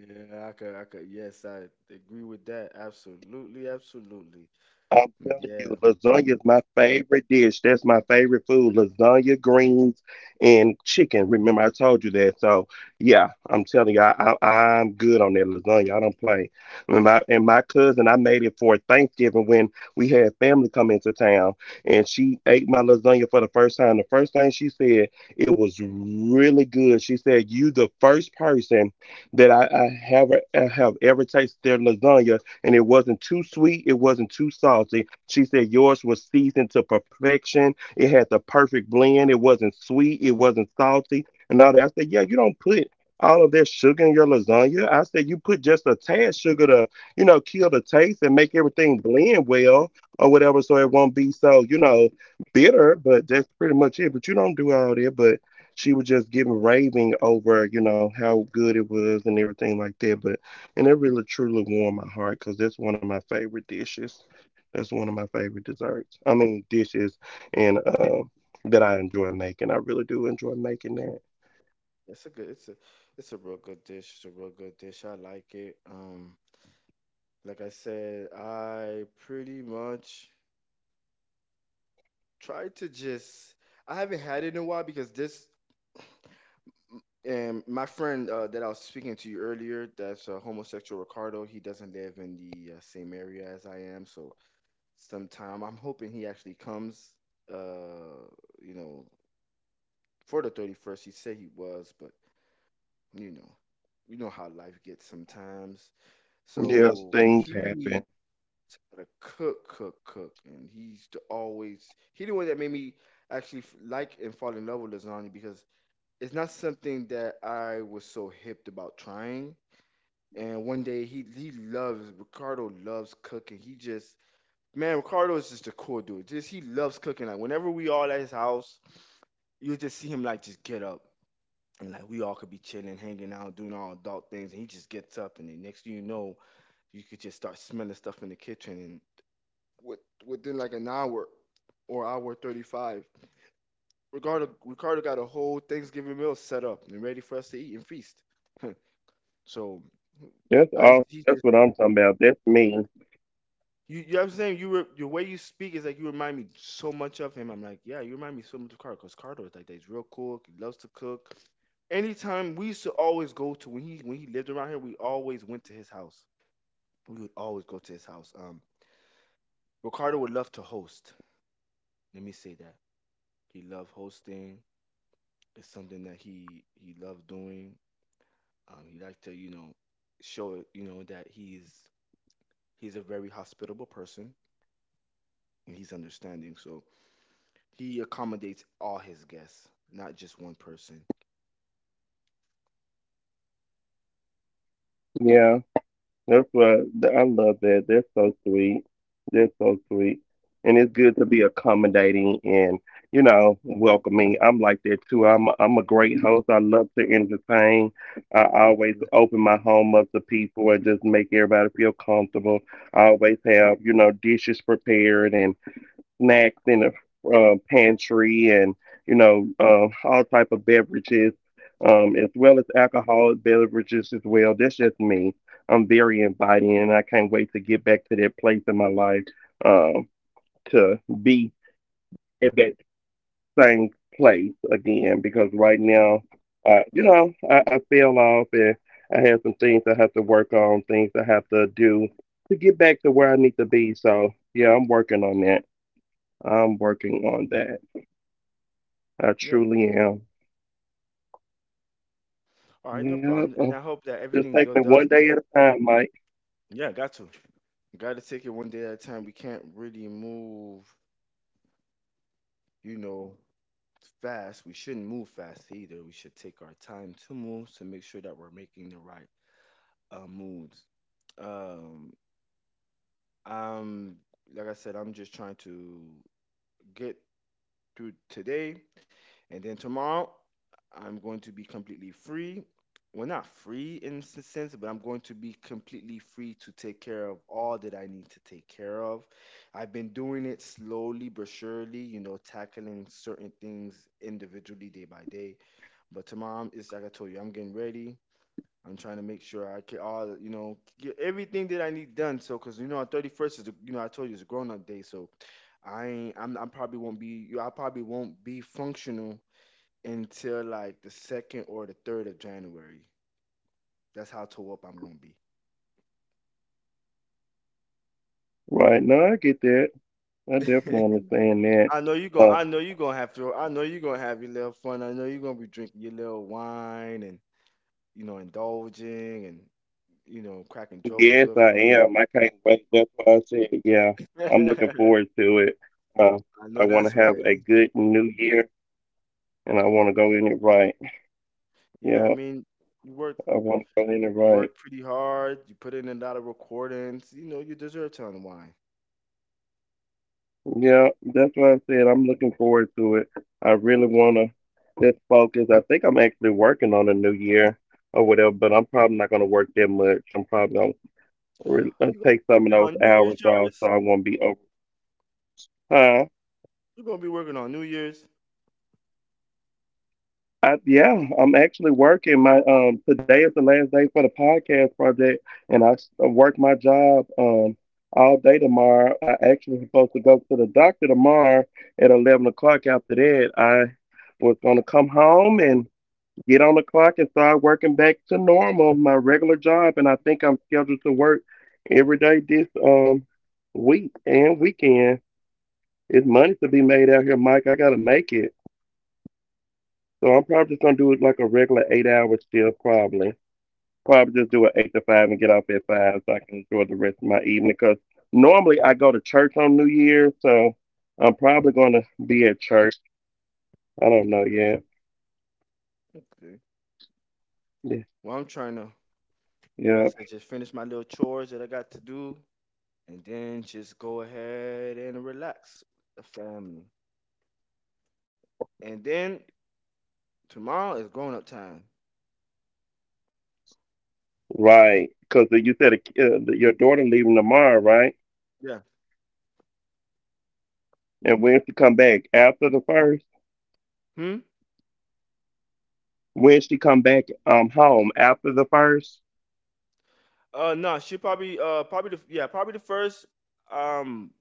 Yeah, I could. I could. Yes, I agree with that. Absolutely, absolutely. I'm telling Mm, you, yeah, lasagna is my favorite dish. That's my favorite food. Lasagna, greens, and chicken. Remember, I told you that. So, yeah, I'm telling you, I'm good on that lasagna. I don't play. And my cousin, I made it for Thanksgiving when we had family come into town, and she ate my lasagna for the first time. The first thing she said, it was really good. She said, "You the first person that I have ever tasted their lasagna," and it wasn't too sweet, it wasn't too salty. She said yours was seasoned to perfection. It had the perfect blend. It wasn't sweet, it wasn't salty, and all that. I said, yeah, you don't put all of that sugar in your lasagna. I said you put just a tad sugar to, you know, kill the taste and make everything blend well or whatever, so it won't be so, you know, bitter. But that's pretty much it. But you don't do all that. But she was just giving raving over, you know, how good it was and everything like that. But and it really truly warmed my heart because that's one of my favorite dishes. That's one of my favorite desserts. I mean, dishes and that I enjoy making. I really do enjoy making that. it's a good. It's a. It's a real good dish. It's a real good dish. I like it. Like I said, I pretty much try to just. I haven't had it in a while because this. And my friend that I was speaking to you earlier, that's a homosexual Ricardo. He doesn't live in the same area as I am, so sometime I'm hoping he actually comes. Uh, you know, for the 31st, he said he was, but you know, you know how life gets sometimes. Yes, So things he happen. to cook, cook, cook, and he's to always he the one that made me actually like and fall in love with lasagna because it's not something that I was so hipped about trying. And one day he loves Ricardo loves cooking. He just man, Ricardo is just a cool dude. Just he loves cooking. Like whenever we all at his house, you just see him like just get up and like we all could be chilling, hanging out, doing all adult things, and he just gets up and the next thing you know, you could just start smelling stuff in the kitchen and with within like an hour or hour 35, Ricardo got a whole Thanksgiving meal set up and ready for us to eat and feast. So That's I used awesome. to. That's what I'm talking about. That's me. You know what I'm saying? You were The way you speak is like you remind me so much of him. I'm like, yeah, you remind me so much of Carter because Carter is like that. He's real cool. He loves to cook. Anytime we used to always go to when he lived around here, we always went to his house. We would always go to his house. Ricardo would love to host. Let me say that he loved hosting. It's something that he loved doing. He liked to show it that he's a very hospitable person and he's understanding. So he accommodates all his guests, not just one person. Yeah. That's what I love that. They're so sweet. They're so sweet. And it's good to be accommodating and, you know, welcoming. I'm like that too. I'm a great host. I love to entertain. I always Mm. open my home up to people and just make everybody feel comfortable. I always have, you know, dishes prepared and snacks in the pantry and you know all type of beverages as well as alcoholic beverages as well. That's just me. I'm very inviting and I can't wait to get back to that place in my life, um, to be at that same place again because right now you know I fell off and I have some things I have to work on, things I have to do to get back to where I need to be. So yeah, I'm working on that. I'm working on that. I Yeah. truly am. All right, no Yep. problem. And I'm I hope that just everything taking it one does. day at a time, Mike. Yeah, got to. Got to take it one day at a time. We can't really move, you know, fast. We shouldn't move fast either. We should take our time to move to make sure that we're making the right moves. Um, I'm Like I said, I'm just trying to get through today. And then tomorrow, I'm going to be completely free. Well, not free in a sense, but I'm going to be completely free to take care of all that I need to take care of. I've been doing it slowly but surely, tackling certain things individually day by day. But tomorrow, it's like I told you, I'm getting ready. I'm trying to make sure I get all, get everything that I need done. So, cause on 31st is, the, you know, I told you it's a grown up day. So I ain't, I'm, I probably won't be functional until like the second or the January 3rd. That's how tore up I'm gonna be. Right. No, I get that. I definitely understand that. Uh, I know you gonna have your little fun. I know you're gonna be drinking your little wine and indulging and cracking joke with yes, good I friends. am. I can't wait. That's why I said, yeah, I'm looking I forward to it. Uh, I know want to that's have right. a good new year and I want to go in it right. Yeah, I Yeah, mean, you work I want to go in it right. work pretty hard, you put in a lot of recordings, you deserve to unwind. Yeah, that's what I said. I'm looking forward to it. I really want to just focus. I think I'm actually working on a new year or whatever, but I'm probably not going to work that much. I'm probably going to You gonna take some of be working those on New Year's, hours off so Jarvis? I won't be over. Huh? You're gonna be working on New Year's. I, yeah, I'm actually working. My today is the last day for the podcast project, and I work my job all day tomorrow. I actually supposed to go to the doctor tomorrow at 11 o'clock. After that, I was gonna come home and get on the clock and start working back to normal, my regular job. And I think I'm scheduled to work every day this week and weekend. It's money to be made out here, Mike. I gotta make it. So I'm probably just gonna do it like a regular 8 hour shift, probably. Probably just do an 8 to 5 and get off at 5 so I can enjoy the rest of my evening. Because normally I go to church on New Year's, so I'm probably gonna be at church. I don't know yet. Okay. Yeah, Well I'm trying to yeah. Like I said, just finish my little chores that I got to do, and then just go ahead and relax with the family. And then tomorrow is grown up time. Right, because you said that your daughter leaving tomorrow, right? Yeah. And when she come back after the first, Hmm. when she come back home after the first, No, she probably probably the yeah probably the first um.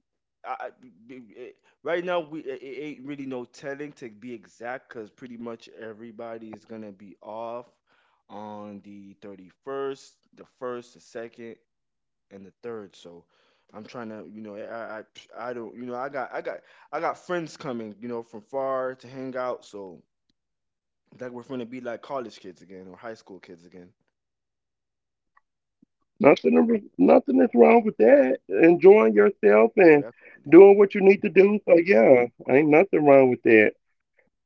I, I- b- b- eh, right now we it ain't really no telling to be exact because pretty much everybody is gonna be off on the 31st, the 1st, the 2nd, and the third. So I'm trying to, you know, eh, I I don't, I got friends coming, from far to hang out. So like we're gonna be like college kids again or high school kids again. Nothing is wrong with that. Enjoying yourself and Oh, doing what you need to do. So yeah, ain't nothing wrong with that.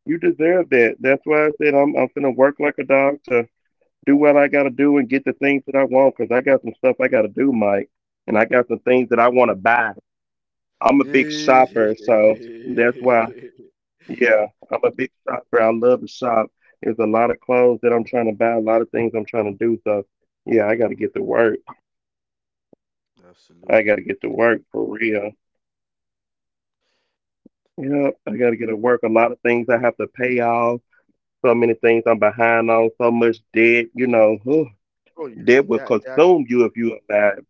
You deserve that. That's why I said I'm gonna work like a dog to do what I gotta do and get the things that I want. Cause I got some stuff I gotta do, Mike, and I got some things that I want to buy. I'm a big shopper, absolutely. so. That's why. Yeah. Yeah, I'm a big shopper. I love to shop. There's a lot of clothes that I'm trying to buy, a lot of things I'm trying to do. So, yeah, I got to get to work. I Absolutely. got to get to Definitely. work for real. Yep, I got to get to work. A lot of things I have to pay off. So many things I'm behind on. So much debt. You know, Oh yeah, yeah, debt will that consume you if you allow it.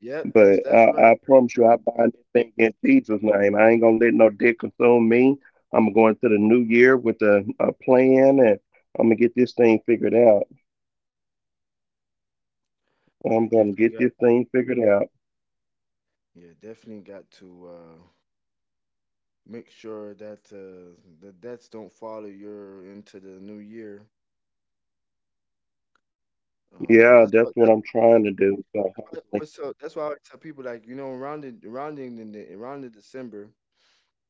yep, But that's right. I That's promise right. you, I bind that thing in Jesus' name. I ain't gonna let no debt consume me. I'm going to the new year with a plan, and I'm gonna get this thing figured out. I'm Yeah, gonna get this thing figured out. Definitely got to make sure that the debts don't follow you into the new year. Um Yeah, that's that's what what that's I'm trying to do. So why I hopefully, always tell- that's why I always tell people like around the around the December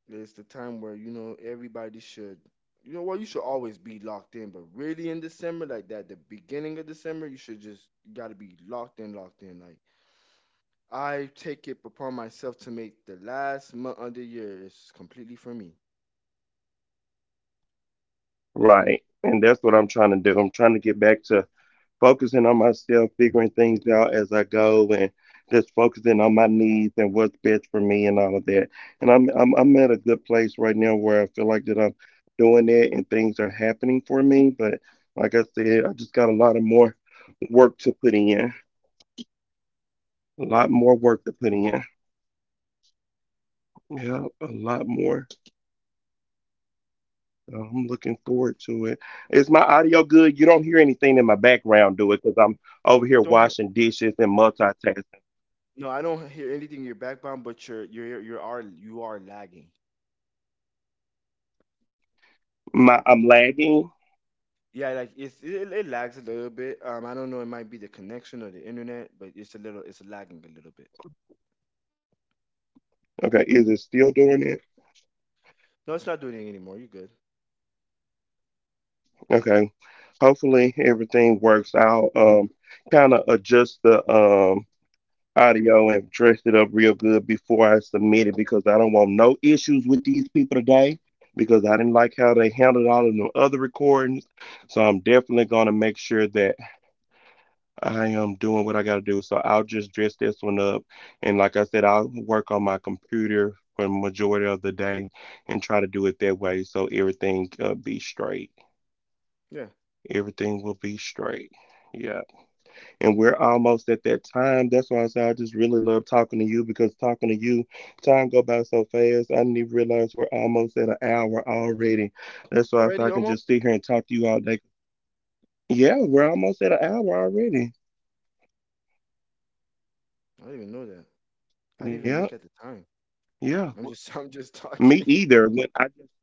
is the time where everybody should well you should always be locked in but really in December like that the beginning of December you should just you got to be locked in locked in like I take it upon myself to make the last month of the year is completely for me. right. And that's what I'm trying to do. I'm trying to get back to focusing on myself, figuring things out as I go, and just focusing on my needs and what's best for me and all of that. And I'm at a good place right now where I feel like that I'm doing it and things are happening for me. But like I said, I just got a lot of more work to put in. A lot more work to put in. Yeah, a lot more. So I'm looking forward to it. Is my audio good? You don't hear anything in my background, do it? Because I'm over I here don't hear washing dishes and multitasking. no I don't hear anything you're backbound but you are lagging. My I'm lagging. Yeah, like it lags a little bit. I don't know. It might be the connection or the internet, but it's lagging a little bit. Okay, is it still doing it? No, it's not doing it anymore. You're good. Okay. Hopefully everything works out. Kind of adjust the audio and dress it up real good before I submit it because I don't want no issues with these people today because I didn't like how they handled all of the other recordings. So I'm definitely gonna make sure that I am doing what I got to do. So I'll just dress this one up. And like I said, I'll work on my computer for the majority of the day and try to do it that way so everything be straight. Yeah, Everything will be straight. Yeah. And we're almost at that time. That's why I say I just really love talking to you because talking to you, time go by so fast. I didn't even realize we're almost at an hour already. That's why I say already I can almost. just sit here and talk to you all day. Yeah, we're almost at an hour already. I didn't even know that. I didn't even Yeah. look at the time. Yeah. I'm just I'm just Me talking. either. When I just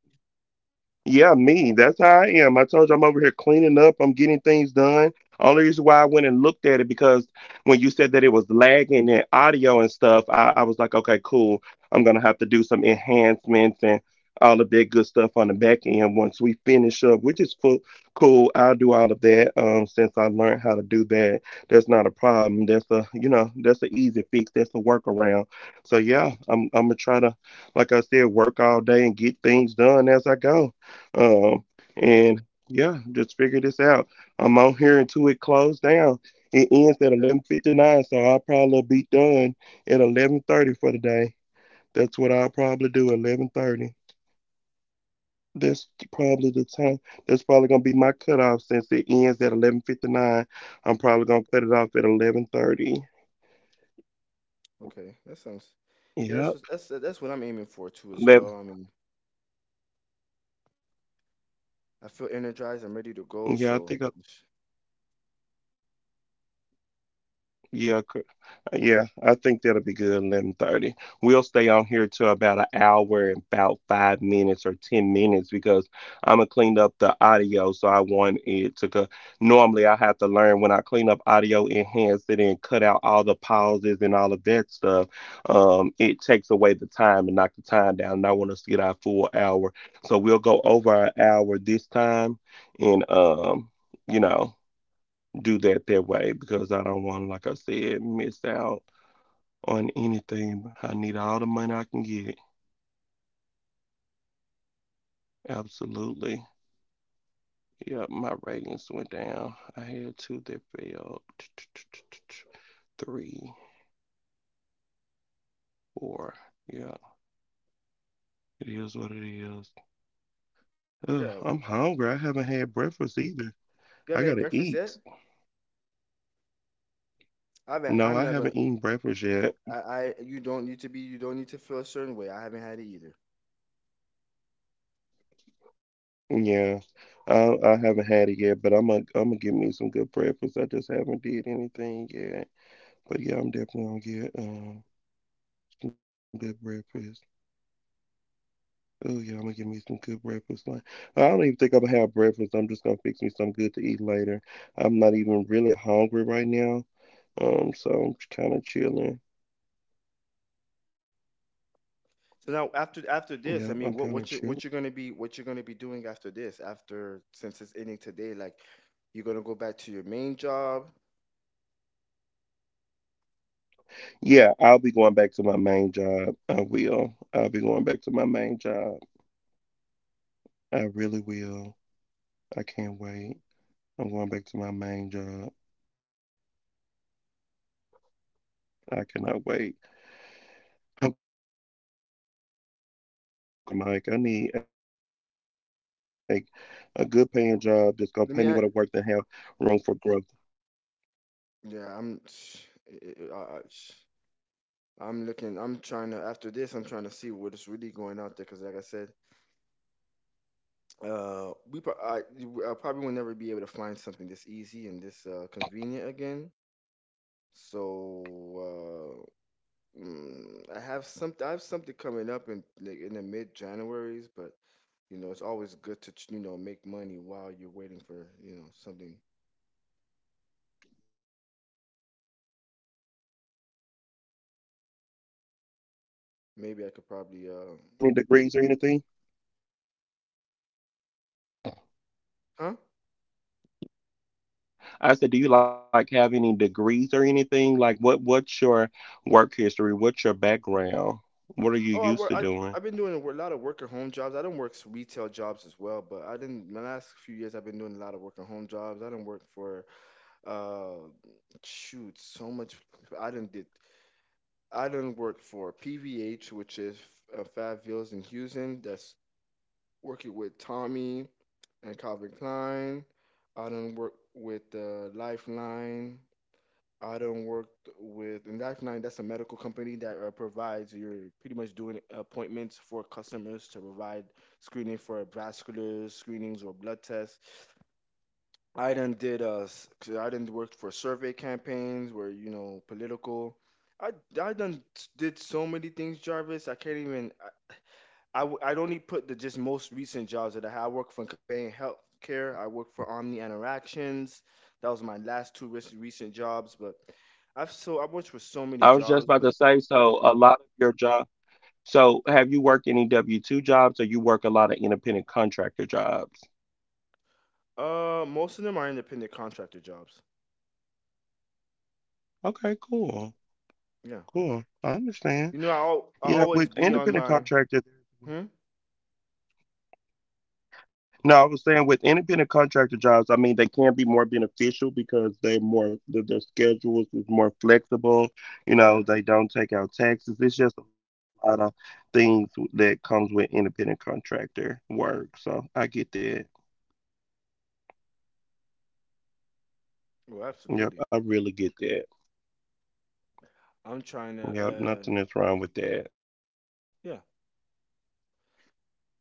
yeah, me. That's how I am. I told you I'm over here cleaning up. I'm getting things done. Only reason why I went and looked at it because when you said that it was lagging and audio and stuff, I was like, okay, cool. I'm gonna have to do some enhancements and all of that good stuff on the back end once we finish up, which is full, cool. I'll do all of that. Since I learned how to do that, that's not a problem. That's a you know that's an easy fix. That's a workaround. So yeah, I'm gonna try to, like I said, work all day and get things done as I go. Um, and yeah, just figure this out. I'm on here until it closed down. It ends at Yeah. 11:59, so I'll probably be done at 11:30 for the day. That's what I'll probably do. 11:30. That's probably the time. That's probably gonna be my cutoff since it ends at 11:59. I'm probably gonna cut it off at 11:30. Okay. That sounds. Yeah, that's Yep. what, that's that's what I'm aiming for too as 11. well. I mean, I feel energized. I'm ready to go. Yeah, I So think. I, sh- yeah, Yeah, I think that'll be good. 11:30. We'll stay on here till about an hour and about 5 minutes or 10 minutes because I'm gonna clean up the audio. So I want it to go. Normally, I have to learn when I clean up audio, enhance it, and cut out all the pauses and all of that stuff. It takes away the time and knock the time down. And I want us to get our full hour. So we'll go over our hour this time, and you know, do that that way because I don't want, like I said, miss out on anything. I need all the money I can get. Absolutely. Yep, my ratings went down. I had two that failed. Three, four. Yeah, it is what it is. yeah. Ugh, Well, I'm hungry. I haven't had breakfast either. you haven't made I gotta breakfast yet? eat. I haven't. I'm not No, gonna. I haven't eaten breakfast I, yet. I You don't need to be. You don't need to feel a certain way. I haven't had it either. Yeah, I haven't had it yet, but I'm gonna get me some good breakfast. I just haven't did anything yet. But yeah, I'm definitely gonna get some good breakfast. Oh yeah, I'm gonna give me some good breakfast. Like I don't even think I'm gonna have breakfast. I'm just gonna fix me some good to eat later. I'm not even really hungry right now. So I'm kind of chilling. So now after this, Yep, I I'm mean, kind of chilling. What you're gonna be doing after this? After since it's ending today, like you're gonna go back to your main job. Yeah, I'll be going back to my main job. I will. I'll be going back to my main job. I really will. I can't wait. I'm going back to my main job. I cannot wait. I'm going back to my main job. I'm looking for another job, actually, Mike. I need a good paying job that's gonna pay Let me. me what I worth and have room for growth. Yeah, I'm. I, I, I'm looking. I'm trying to after this. I'm trying to see what is really going out there because, like I said, uh, we pro- I, I probably will never be able to find something this easy and this convenient again. So I have some. I have something coming up in like in the mid Januaries, but you know it's always good to make money while you're waiting for something. Right, absolutely. So, like, what type of work do you do? Like, what's your background? Like, what's Maybe your I could work probably history? And do you like have any degrees or anything? huh? I said, do you like have any degrees or anything? Like, what's your work history? What's your background? What are you Oh, I used work. to I doing? I've been doing a lot of work at home jobs. I don't work retail jobs as well, but I didn't. My last few years, I've been doing a lot of work at home jobs. I didn't work for uh, shoot, so much. I didn't did. I didn't work for PVH, which is Fab Vils in Houston. That's working with Tommy and Calvin Klein. I done worked with Lifeline. I done worked with and Lifeline. That's a medical company that provides you're pretty much doing appointments for customers to provide screening for vascular screenings or blood tests. I done did 'cause I done worked for survey campaigns where political. I I done did so many things, Jarvis. I can't even. I only put the just most recent jobs that I had. I worked for Conveying Healthcare. I worked for Omni Interactions. That was my last two recent jobs. But I've so I worked for so many I was just jobs, about but to say, so a lot of your job. So, have you worked any W-2 jobs or you work a lot of independent contractor jobs? Most of them are independent contractor jobs. Okay, cool. Yeah, Cool. I understand. you know I al- Yeah, I with always be independent on my contractor, hmm. no, I was saying with independent contractor jobs, I mean, they can be more beneficial because they're more, their schedules is more flexible. You Yeah, know, they don't take out taxes. It's just a lot of things that comes with independent contractor work. So, I get that. well, Yep, absolutely. I really get that. I'm trying to Yep, uh nothing is wrong with that. yeah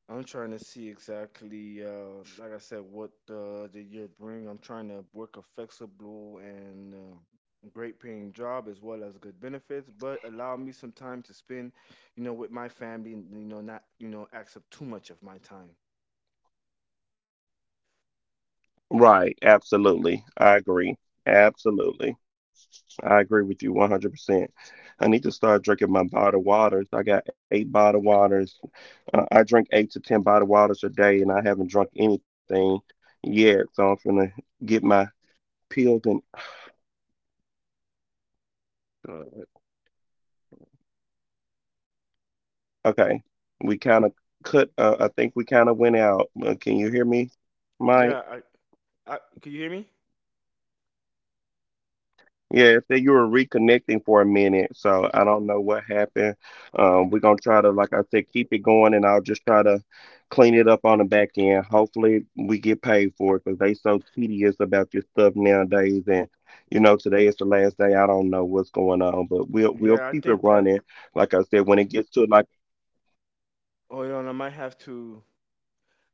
I'm trying to see exactly, like I said, what the year bring. I'm trying to work a flexible and great paying job as well as good benefits, but allow me some time to spend, with my family. And, not accept up too much of my time. Right, absolutely. I agree. Absolutely. I agree with you 100%. I need to start drinking my bottled waters. I got eight bottled waters. I drink eight to 10 bottled waters a day, and I haven't drunk anything yet. So I'm going to get my peeled and. Uh, Okay. We kind of cut. I think we kind of went out. Can you hear me, Mike? Yeah, I can you hear me? Yeah, I so you were reconnecting for a minute, so I don't know what happened. We're gonna try to, like I said, keep it going, and I'll just try to clean it up on the back end. Hopefully, we get paid for it because they so tedious about your stuff nowadays. And you know, today is the last day. I don't know what's going on, but we'll Yeah, I keep it think that. running. Like I said, when it gets to like Hold on, I might have to.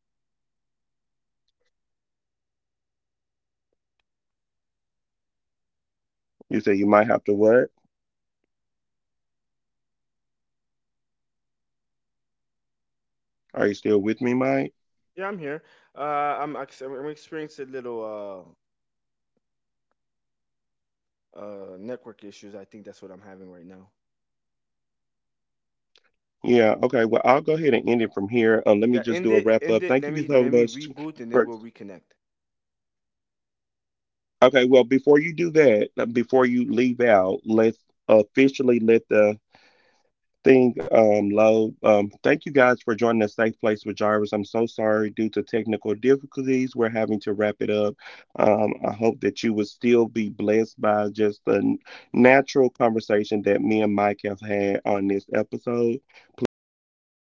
I, it's it's. Can you hear me? you said, you might have to what? Are you still with me, Mike? Yeah, I'm here. Uh, I'm experiencing little network issues. I think that's what I'm having right now. Yeah. Okay. Well, I'll go ahead and end it from here. Let me Yeah, just end do a it, wrap end up. it. Thank Let you me so let me much. reboot and then For we'll reconnect. Okay, well, before you do that, before you leave out, let's officially let the thing load. Thank you guys for joining the Safe Place with Jarvis. I'm so sorry due to technical difficulties, we're Hello? having to wrap it up. I hope that you would still be blessed by just the natural conversation that me and Mike have had on this episode. Please join us back